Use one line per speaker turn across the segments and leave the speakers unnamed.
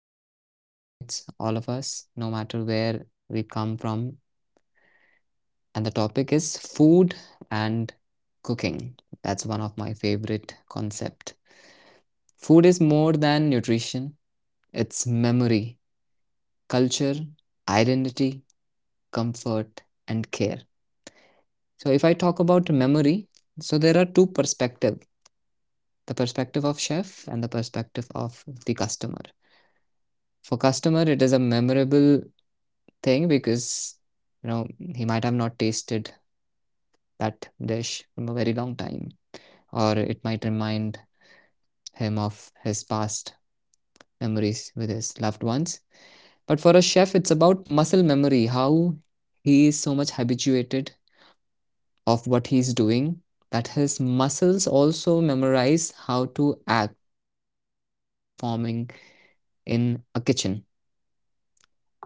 something that connects all of us, no matter where we come from. And the topic is food and cooking. That's one of my favorite concept. Food is more than nutrition. It's memory, culture, identity, comfort, and care. So if I talk about memory, so there are two perspectives: the perspective of chef and the perspective of the customer. For customer, it is a memorable thing because you know he might have not tasted that dish from a very long time, or it might remind him of his past memories with his loved ones. But for a chef, it's about muscle memory, how he is so much habituated of what he's doing that his muscles also memorize how to act while performing in a kitchen. You know,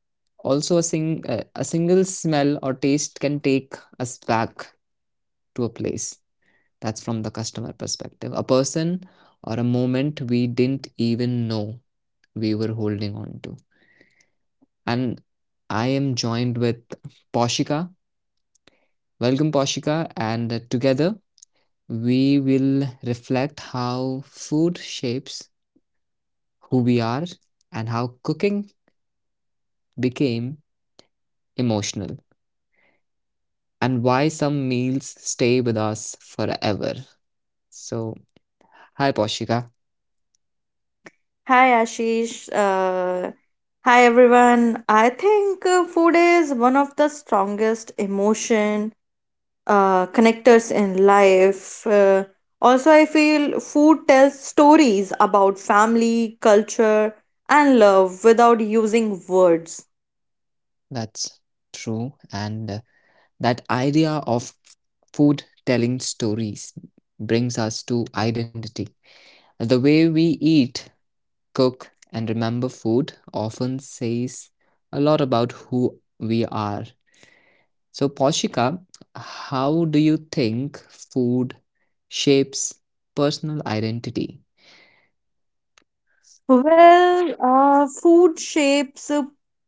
also a single smell or taste can take us back to a place. That's from the customer perspective. A person or a moment we didn't even know we were holding on to. And I am joined with Poshika. Welcome, Poshika, and together we will reflect how food shapes who we are and how cooking became emotional and why some meals stay with us forever. So, hi, Poshika.
Hi Ashish. Uh, Hi everyone. I think food is one of the strongest emotion connectors in life. Also, I feel food tells stories about family, culture, and love without using words.
That's true. And that idea of food telling stories brings us to identity. The way we eat, cook, and remember food often says a lot about who we are. So, Poshika, how do you think food shapes personal identity?
Well, food shapes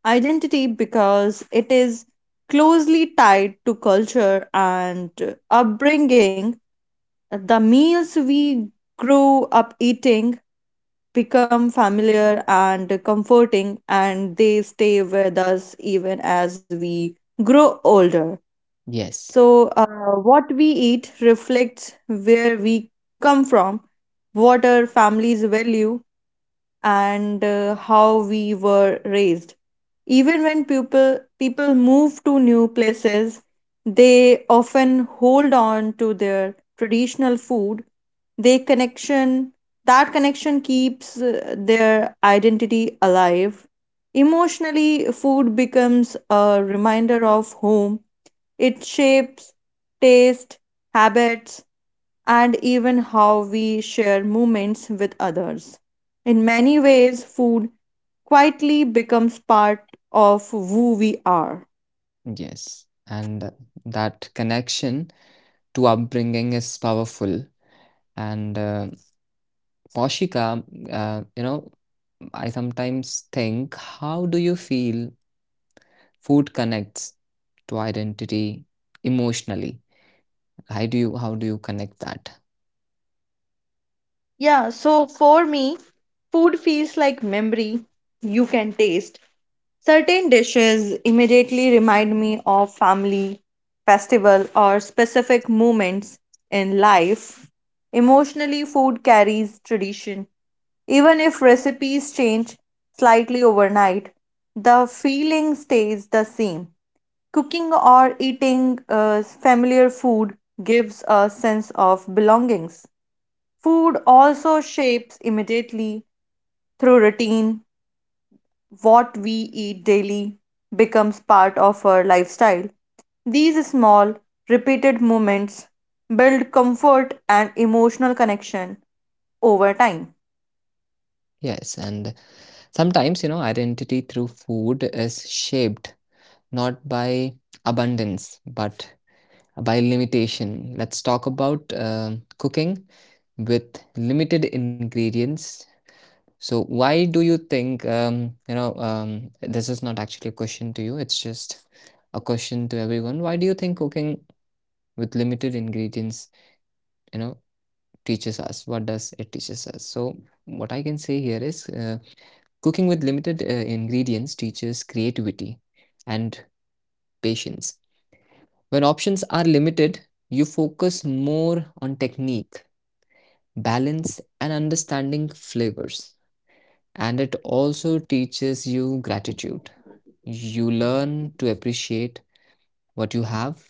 identity because it is closely tied to culture and upbringing. The meals we grew up eating become familiar and comforting, and they stay with us even as we grow older.
Yes,
So what we eat reflects where we come from, what our families value, and how we were raised. Even when people move to new places, they often hold on to their traditional food. They connection That connection keeps their identity alive. Emotionally, food becomes a reminder of home. It shapes taste, habits, and even how we share moments with others. In many ways, food quietly becomes part of who we are.
yes. And that connection to upbringing is powerful. And Poshika, uh, you know, I sometimes think, how do you feel food connects to identity emotionally? How do you connect that?
Yeah, so for me, food feels like memory you can taste. Certain dishes immediately remind me of family, festival, or specific moments in life. Emotionally, food carries tradition. Even if recipes change slightly overnight, the feeling stays the same. Cooking or eating familiar food gives a sense of belongings. Food also shapes immediately through routine. What we eat daily becomes part of our lifestyle. These small, repeated movements build comfort and emotional connection over time.
Yes, and sometimes, identity through food is shaped not by abundance, but by limitation. Let's talk about cooking with limited ingredients. So, why do you think, this is not actually a question to you, it's just a question to everyone. Why do you think cooking with limited ingredients, you know, teaches us? What does it teaches us? So, what I can say here is cooking with limited ingredients teaches creativity and patience. When options are limited, you focus more on technique, balance, and understanding flavors. And it also teaches you gratitude. You learn to appreciate what you have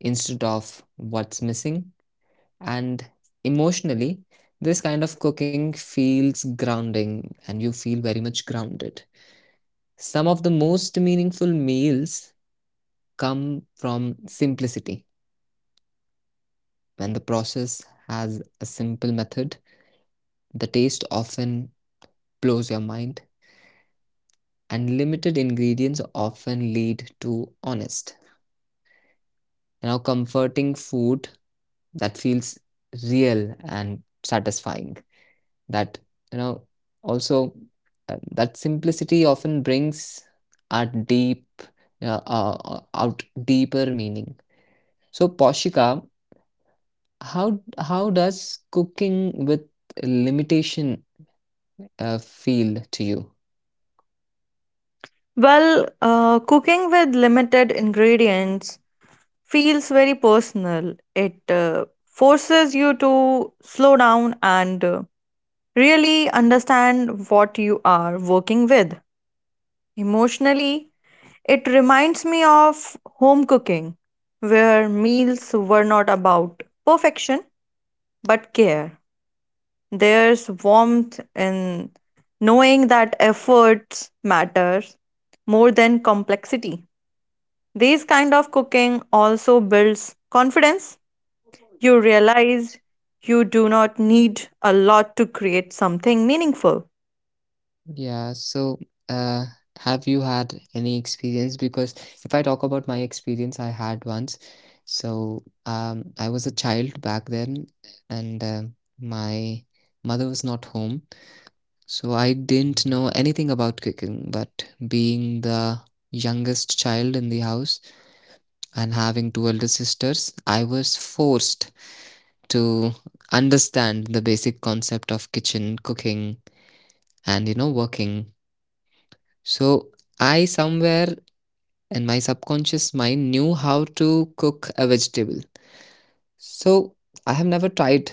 instead of what's missing. And emotionally, this kind of cooking feels grounding and you feel very much grounded. Some of the most meaningful meals come from simplicity when the process has a simple method. The taste often blows your mind, and limited ingredients often lead to honest, comforting food that feels real and satisfying. That, you know, also, that simplicity often brings a deep, out deeper meaning. So, Poshika, how does cooking with limitation feel to you?
Well, cooking with limited ingredients feels very personal. It forces you to slow down and really understand what you are working with. Emotionally, it reminds me of home cooking, where meals were not about perfection but care. There's warmth in knowing that efforts matter more than complexity. These kind of cooking also builds confidence. You realize you do not need a lot to create something meaningful.
Yeah, so uh, have you had any experience? Because if I talk about my experience, I had once. So I was a child back then, and my mother was not home. So I didn't know anything about cooking, but being the youngest child in the house and having two elder sisters, I was forced to understand the basic concept of kitchen, cooking, and working. So I somewhere in my subconscious mind knew how to cook a vegetable. So I have never tried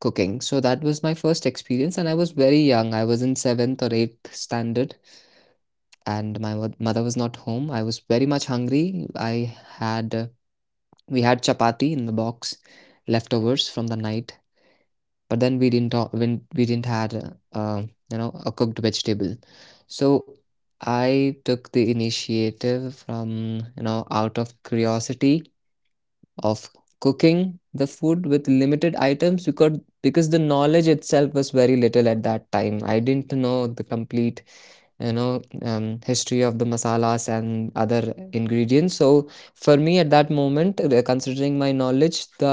cooking. So that was my first experience, and I was very young. I was in seventh or eighth standard, and my mother was not home. I was very much hungry. I had we had chapati in the box, leftovers from the night, but then we didn't talk when we didn't had uh, a cooked vegetable. So I took the initiative from, out of curiosity of cooking the food with limited items, because the knowledge itself was very little. At that time, I didn't know the complete, you know history of the masalas and other ingredients. So for me at that moment, considering my knowledge, the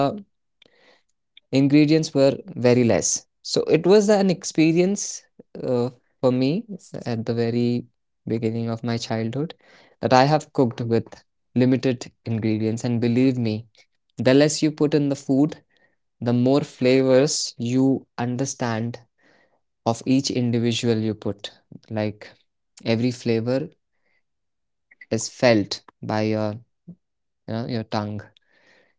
ingredients were very less. So it was an experience, uh, for me at the very beginning of my childhood, that I have cooked with limited ingredients. And believe me, the less you put in the food, the more flavors you understand of each individual you put. Like, every flavor is felt by your tongue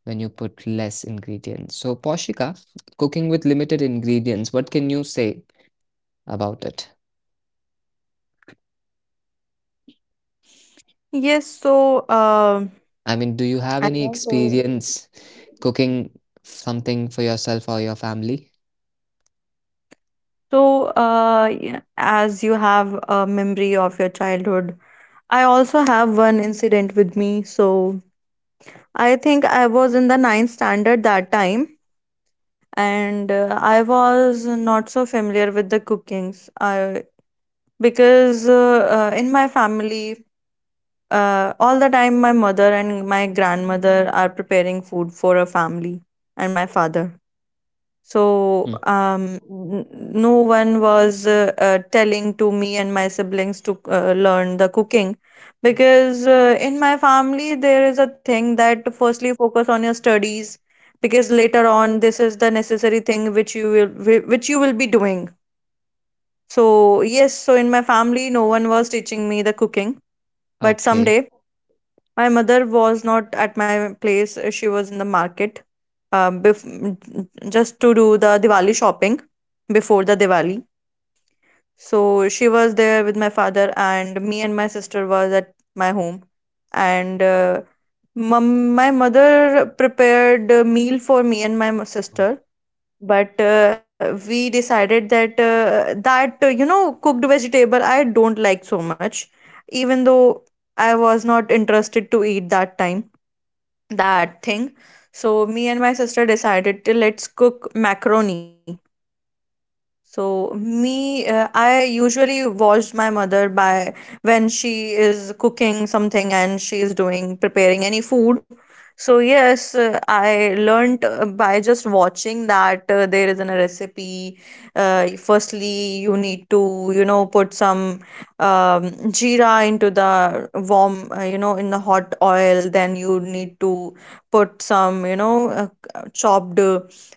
when you put less ingredients. So Poshika, cooking with limited ingredients, what can you say about it?
Yes, so
I mean, do you have
I
any
can say.
experience cooking something for yourself or your family?
So, as you have a memory of your childhood, I also have one incident with me. So, I think I was in the ninth standard that time, and I was not so familiar with the cookings. I because in my family, all the time my mother and my grandmother are preparing food for a family and my father. So
Hmm.
no one was telling to me and my siblings to learn the cooking, because in my family there is a thing that firstly focus on your studies, because later on this is the necessary thing which you will which you will be doing. So yes, so in my family no one was teaching me the cooking, but
Okay.
someday my mother was not at my place. She was in the market uh, bef- just to do the Diwali shopping before the Diwali. So she was there with my father, and me and my sister was at my home. And my mother prepared a meal for me and my sister, but we decided that you know cooked vegetable I don't like so much. Even though I was not interested to eat that time, that thing, so me and my sister decided to let's cook macaroni. So me, I usually watch my mother by when she is cooking something and she is doing preparing any food. So yes, I learnt by just watching that there is a recipe. Firstly, you need to you know put some um, jeera into the warm, you know, in the hot oil. Then you need to put some you know chopped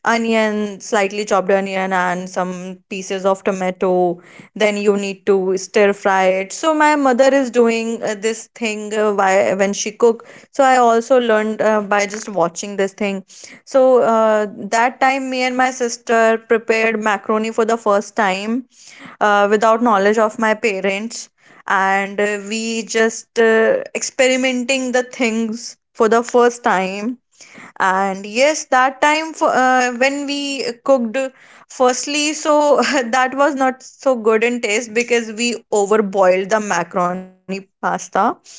onion, slightly chopped onion, and some pieces of tomato. Then you need to stir fry it. So my mother is doing this thing why when she cook. So I also learned by just watching this thing. So that time, me and my sister prepared macaroni for the first time without knowledge of my parents, and we just experimenting the things for the first time. And yes, that time for, when we cooked, firstly, so that was not so good in taste because we overboiled the macaroni pasta.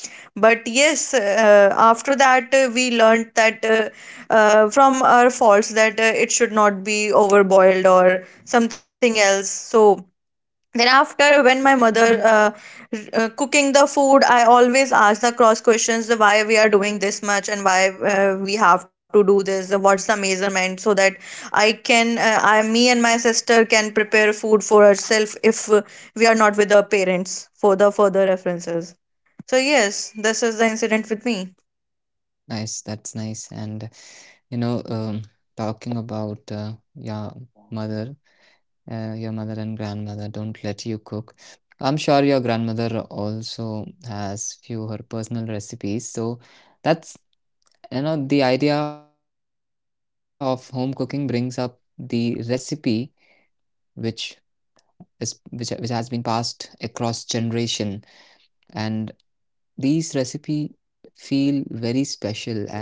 But yes, after that, we learned that, from our faults, that it should not be overboiled or something else. So then after when my mother uh, cooking the food, I always ask the cross questions, the why we are doing this much and why we have to do this, what's the measurement, so that I can I me and my sister can prepare food for ourselves if we are not with our parents, for the further references. So yes, this is the incident with me.
Nice, that's nice. And you know, um, talking about mother, your mother and grandmother don't let you cook. I'm sure your grandmother also has few her personal recipes. So that's, the idea of home cooking brings up the recipe which is which has been passed across generation, and these recipe feel very special. And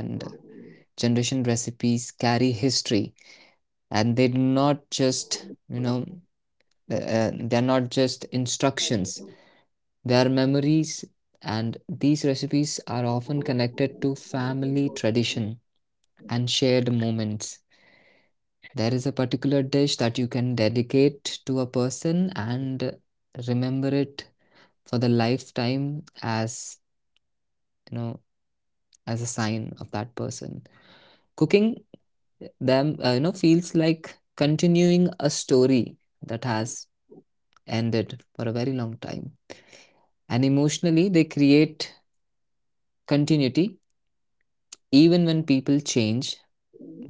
generation recipes carry history, and they're not just instructions, they are memories. And these recipes are often connected to family tradition and shared moments. There is a particular dish that you can dedicate to a person and remember it for the lifetime, as you know as a sign of that person. Cooking them, feels like continuing a story that has ended for a very long time. And emotionally, they create continuity. Even when people change,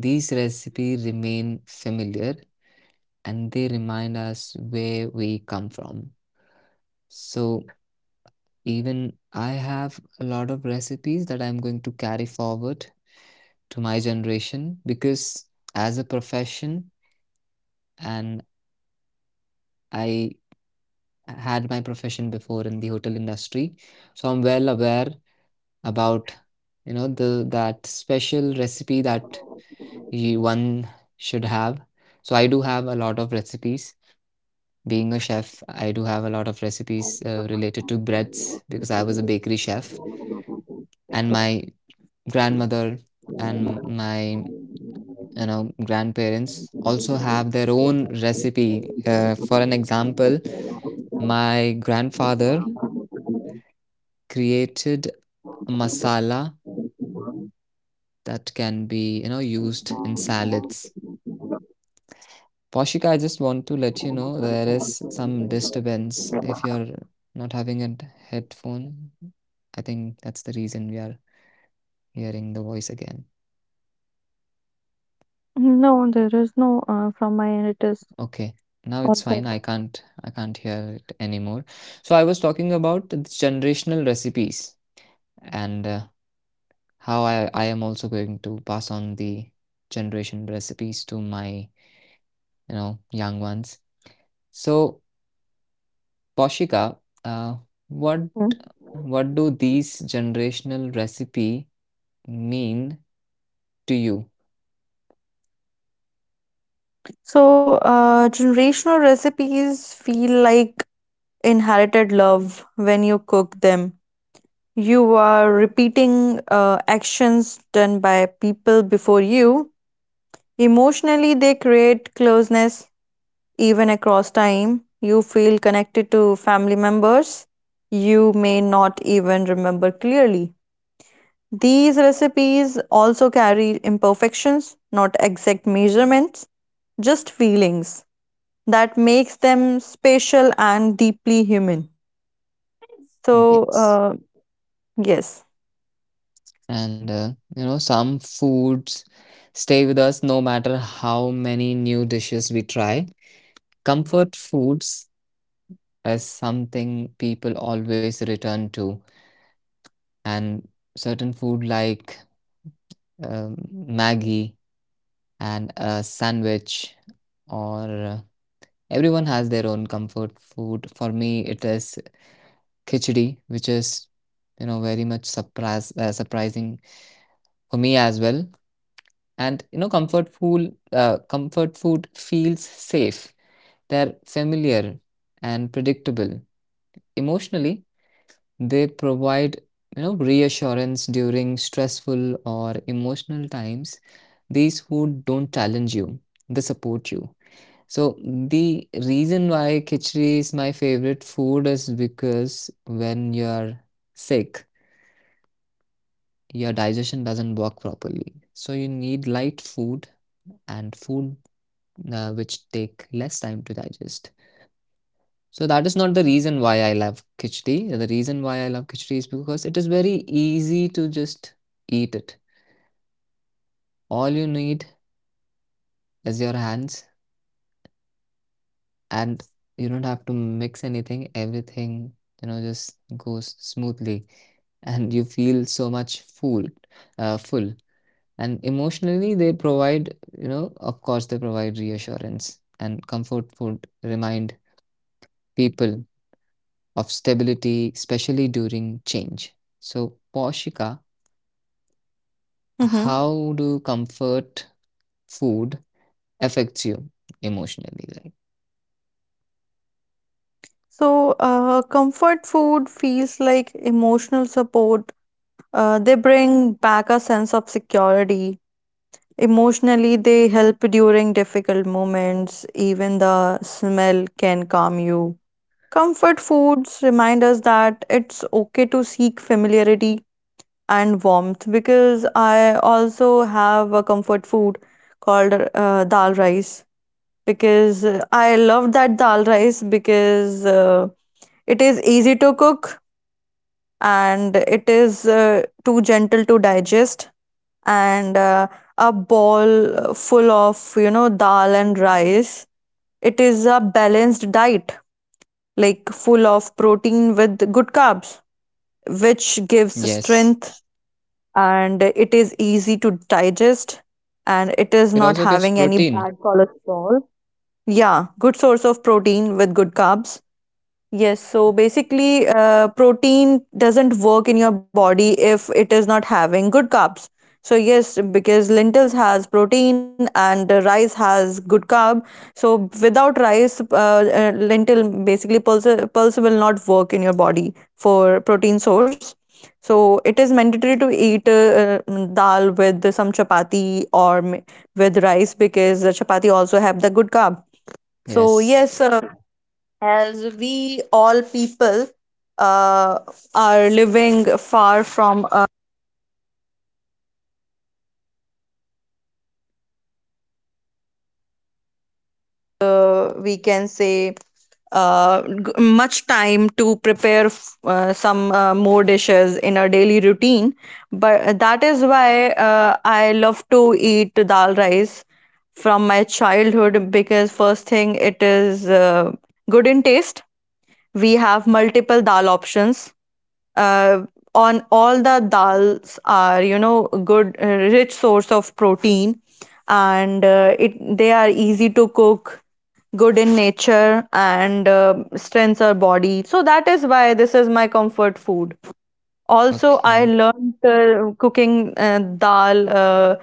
these recipes remain familiar, and they remind us where we come from. So even I have a lot of recipes that I'm going to carry forward to my generation, because as a profession, and I had my profession before in the hotel industry, so I'm well aware about, the that special recipe that you, one should have. So I do have a lot of recipes. Being a chef, I do have a lot of recipes related to breads because I was a bakery chef, and my grandmother and my, grandparents, also have their own recipe, for an example, my grandfather created a masala that can be, used in salads. Poshika, I just want to let you know there is some disturbance if you're not having a headphone. I think that's the reason we are hearing the voice again. Okay, now it's fine. I can't hear it anymore. So I was talking about the generational recipes and how I am also going to pass on the generation recipes to my, young ones. So Poshika, uh, what
Hmm.
what do these generational recipe mean to you?
So, generational recipes feel like inherited love. When you cook them, you are repeating actions done by people before you. Emotionally, they create closeness even across time. You feel connected to family members you may not even remember clearly. These recipes also carry imperfections, not exact measurements, just feelings that makes them special and deeply human. So,
Yes,
yes.
and some foods stay with us no matter how many new dishes we try. Comfort foods is something people always return to, and certain food like, Maggie and a sandwich, or everyone has their own comfort food. For me, it is khichdi, which is, very much surprise surprising for me as well. And comfort food feels safe. They're familiar and predictable. Emotionally, they provide, reassurance during stressful or emotional times. These food don't challenge you; they support you. So the reason why khichdi is my favorite food is because when you're sick, your digestion doesn't work properly. So you need light food and food, which take less time to digest. So that is not the reason why I love khichdi. The reason why I love khichdi is because it is very easy to just eat it. All you need is your hands, and you don't have to mix anything. Everything, just goes smoothly and you feel so much full. And emotionally they provide, of course they provide reassurance, and comfort food remind people of stability, especially during change. So Poshika, how do comfort food affects you emotionally, like?
So, comfort food feels like emotional support. They bring back a sense of security. Emotionally, they help during difficult moments. Even the smell can calm you. Comfort foods remind us that it's okay to seek familiarity and warmth, because I also have a comfort food called dal rice, because I love that dal rice because it is easy to cook, and it is too gentle to digest, and a ball full of you know dal and rice, it is a balanced diet, like full of protein with good carbs, which gives strength.
Yes.
And it is easy to digest, and it is not having any bad
It also gives
cholesterol.
protein.
Yeah, good source of protein with good carbs. Yes, so basically, protein doesn't work in your body if it is not having good carbs. So yes, because lentils has protein and rice has good carb. So without rice, lentil basically pulse will not work in your body for protein source. So it is mandatory to eat dal with some chapati or with rice, because the chapati also have the good carb. So yes,
Yes.
as we all people uh, are living far from, we can say, much time to prepare some more dishes in our daily routine. But that is why I love to eat dal rice from my childhood, because first thing, it is good in taste. We have multiple dal options. uh, on all the dals are, you know, good, rich source of protein, and it they are easy to cook, good in nature, and strengthens our body. So that is why this is my comfort food. Also, I learned
Okay.
cooking dal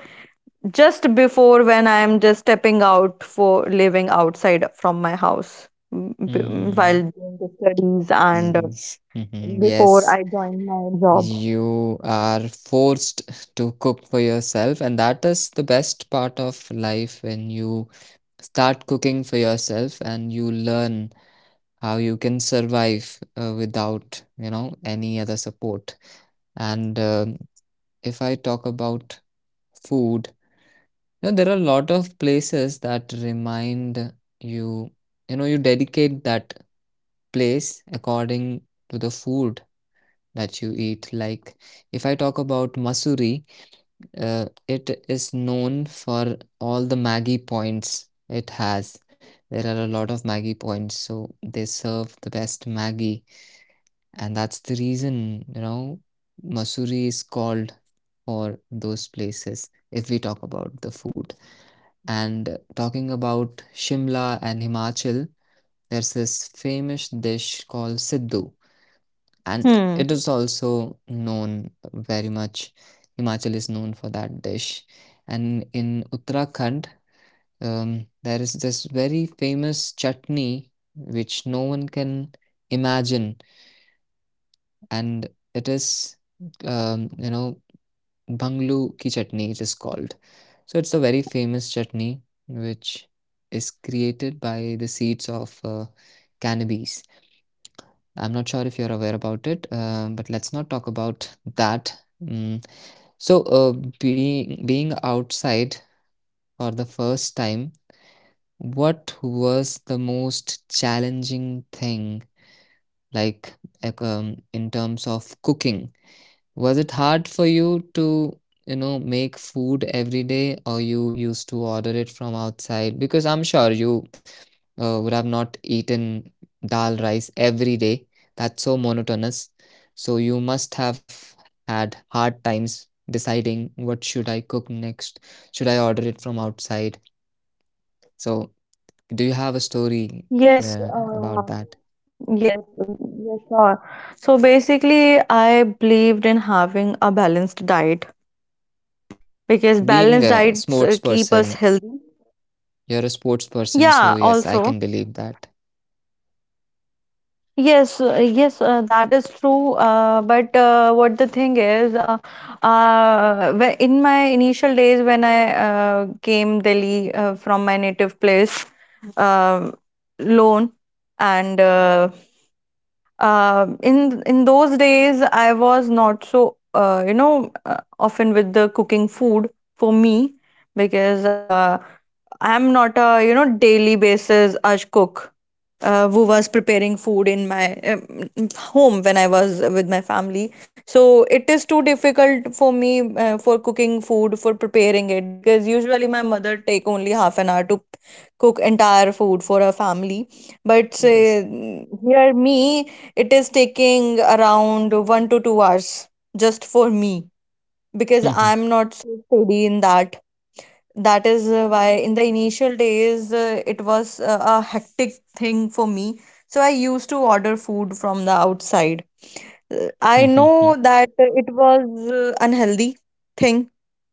just before when I am just stepping out for living outside from my house. While doing the studies,
Hmm.
and before
Yes.
I joined my
Mhm.
job.
Yes. You are forced to cook for yourself, and that is the best part of life when you start cooking for yourself and you learn how you can survive without, any other support. And if I talk about food, there are a lot of places that remind you, you dedicate that place according to the food that you eat. Like, if I talk about Masuri, it is known for all the Maggie points it has. There are a lot of Maggie points, so they serve the best Maggie, and that's the reason, Mussoorie is called for those places if we talk about the food. And talking about Shimla and Himachal, there's this famous dish called Siddu.
Hmm.
And it is also known very much. Himachal is known for that dish. And in Uttarakhand, there is this very famous chutney which no one can imagine. And it is, um, you know, Banglu ki chutney, it is called. So it's a very famous chutney which is created by the seeds of cannabis. I'm not sure if you're aware about it, but let's not talk about that. Mm. So, being outside for the first time, what was the most challenging thing, like, in terms of cooking? Was it hard for you to, make food every day, or you used to order it from outside? Because I'm sure you would have not eaten dal rice every day. That's so monotonous. So you must have had hard times deciding, what should I cook next? Should I order it from outside? So do you have a
Yes.
story
Yes.
about that?
Yes. Sure. So basically, I believed in having a balanced diet, because balanced diets keep
Being
us
a
healthy.
sports person,
Yeah.
you're a sports
Also.
person, so yes, I can believe that.
Yes. Yes. That is true. But what the thing is, in my initial days when I came Delhi from my native place, um, lone and. In those days, I was not so you know often with the cooking food for me, because I'm not a, you know, daily basis as cook who was preparing food in my home when I was with my family. So it is too difficult for me for cooking food, for preparing it, because usually my mother take only half an hour to cook entire food for her family. But here
Yes.
me, it is taking around 1 to 2 hours just for me, because I'm not so steady in that. That is why in the initial days it was a hectic thing for me. So I used to order food from the outside. I know that it was unhealthy thing,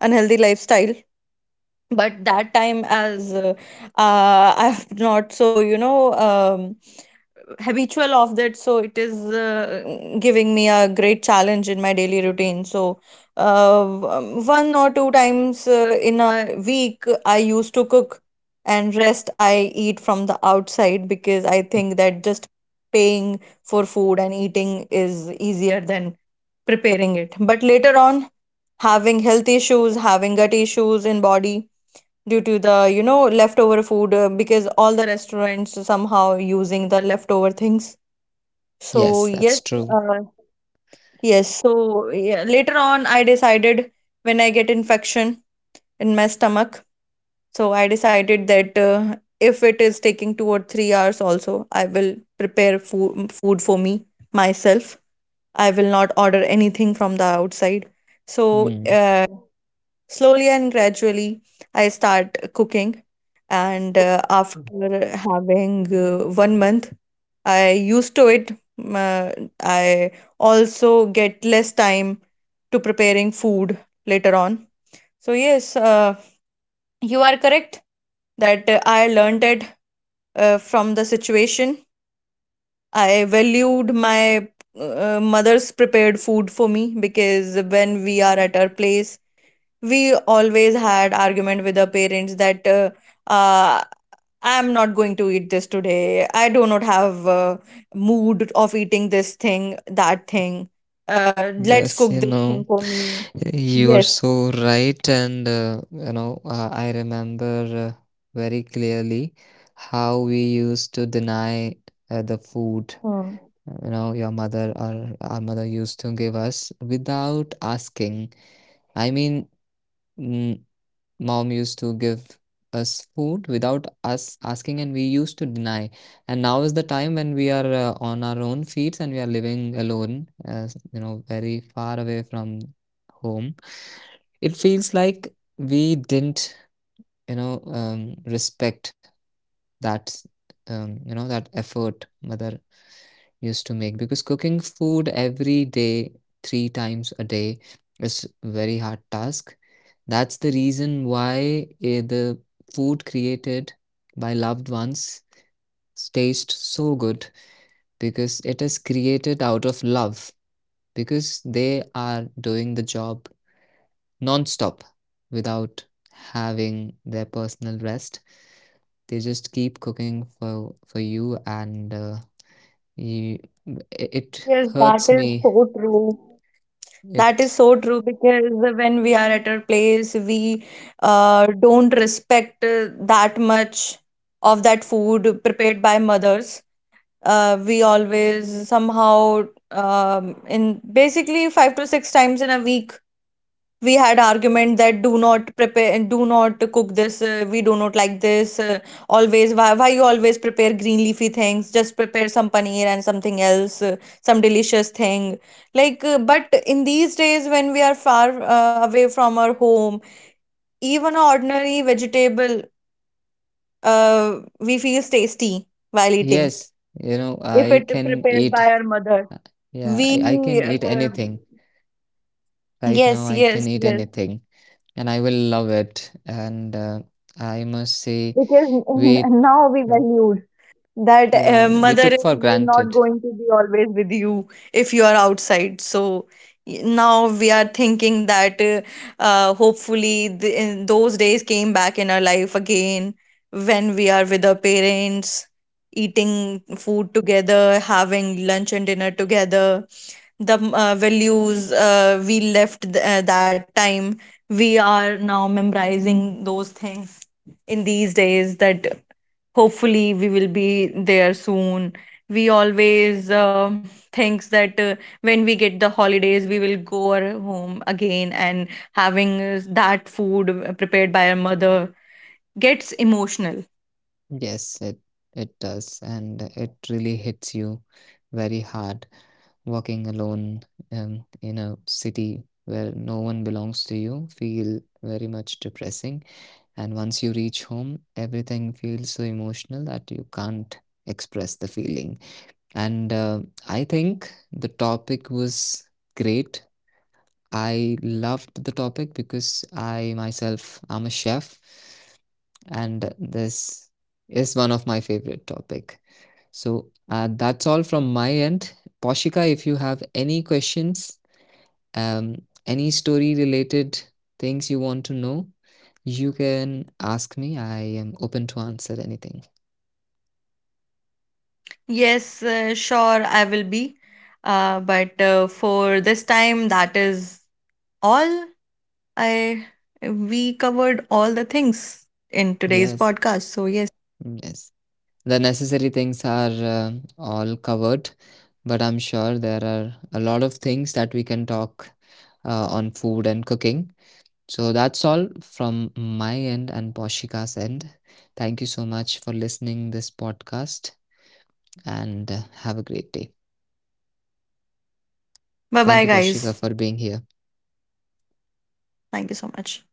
unhealthy lifestyle. But that time, as I'm not so, you know, habitual of that, so it is giving me a great challenge in my daily routine. So 1 or 2 times in a week I used to cook, and rest I eat from the outside, because I think that just paying for food and eating is easier than preparing it. But later on, having health issues, having gut issues in body, due to the, you know, leftover food, because all the restaurants somehow using the leftover things. So yes, uh,
Yes, that's true.
yes. So yeah, later on I decided, when I get infection in my stomach, so I decided that if it is taking 2 or 3 hours also, I will prepare food for me myself. I will not order anything from the outside. So, uh,
Mm.
slowly and gradually, I start cooking, and after having 1 month, I used to it. uh, I also get less time to preparing food later on. So yes, you are correct that I learned it from the situation. I valued my mother's prepared food for me, because when we are at our place, we always had argument with our parents that, uh, I'm not going to eat this today. I do not have mood of eating this thing, that thing. Let's cook this thing for me.
Yes, you know.
Yes.
You are so right, and I remember, very clearly, how we used to deny
Hmm.
the food, your mother or our mother used to give us without asking. I mean, mm, mom used to give us food without us asking, and we used to deny. And now is the time when we are on our own feet and we are living alone, very far away from home. It feels like we didn't, respect that, that effort mother used to make, because cooking food every day, three times a day, is very hard task. That's the reason why the food created by loved ones tastes so good, because it is created out of love, because they are doing the job non stop, without having their personal rest. They just keep cooking for you, and you,
Yes, that is
it
so true.
hurts me.
That is so true, because
It
when we are at our place, we don't respect that much of that food prepared by mothers. We always somehow, in basically 5 to 6 times in a week, we had argument that, do not prepare, do not cook this, we do not like this, always why you always prepare green leafy things, just prepare some paneer and something else, some delicious thing like, but in these days when we are far away from our home, even a ordinary vegetable, we feels tasty while eating if
Yes,
it prepared by our
I
mother.
can eat. uh,
We uh,
Yeah, I can eat anything
yes, yes, yes,
right now. I can eat anything, and I will love it. And
because
I must say,
now we valued
we,
that mother is
yeah,
not
we
going to
took
be
for
always with
granted.
you if you are outside. So now we are thinking that, hopefully, in those days came back in our life again when we are with our parents, eating food together, having lunch and dinner together. The, values we left that time, we are now memorizing those things in these days, that hopefully we will be there soon. We always thinks that when we get the holidays we will go our home again, and having that food prepared by our mother, gets emotional.
Yes, it does, and it really hits you very hard. Walking alone, in a city where no one belongs to you, feel very much depressing. And once you reach home, everything feels so emotional that you can't express the feeling. And I think the topic was great. I loved the topic because I myself am a chef, and this is one of my favorite topic. So that's all from my end. Poshika, if you have any questions, um, any story related things you want to know, you can ask me. I am open to answer anything.
Yes, sure, I will be. But for this time, that is all. I We covered all the things in today's podcast, so yes.
Yes, yes. The necessary things are all covered, but I'm sure there are a lot of things that we can talk on food and cooking. So that's all from my end and Poshika's end. Thank you so much for listening this podcast, and have a great day.
Bye bye guys.
Thank you Poshika for being here.
Thank you so much.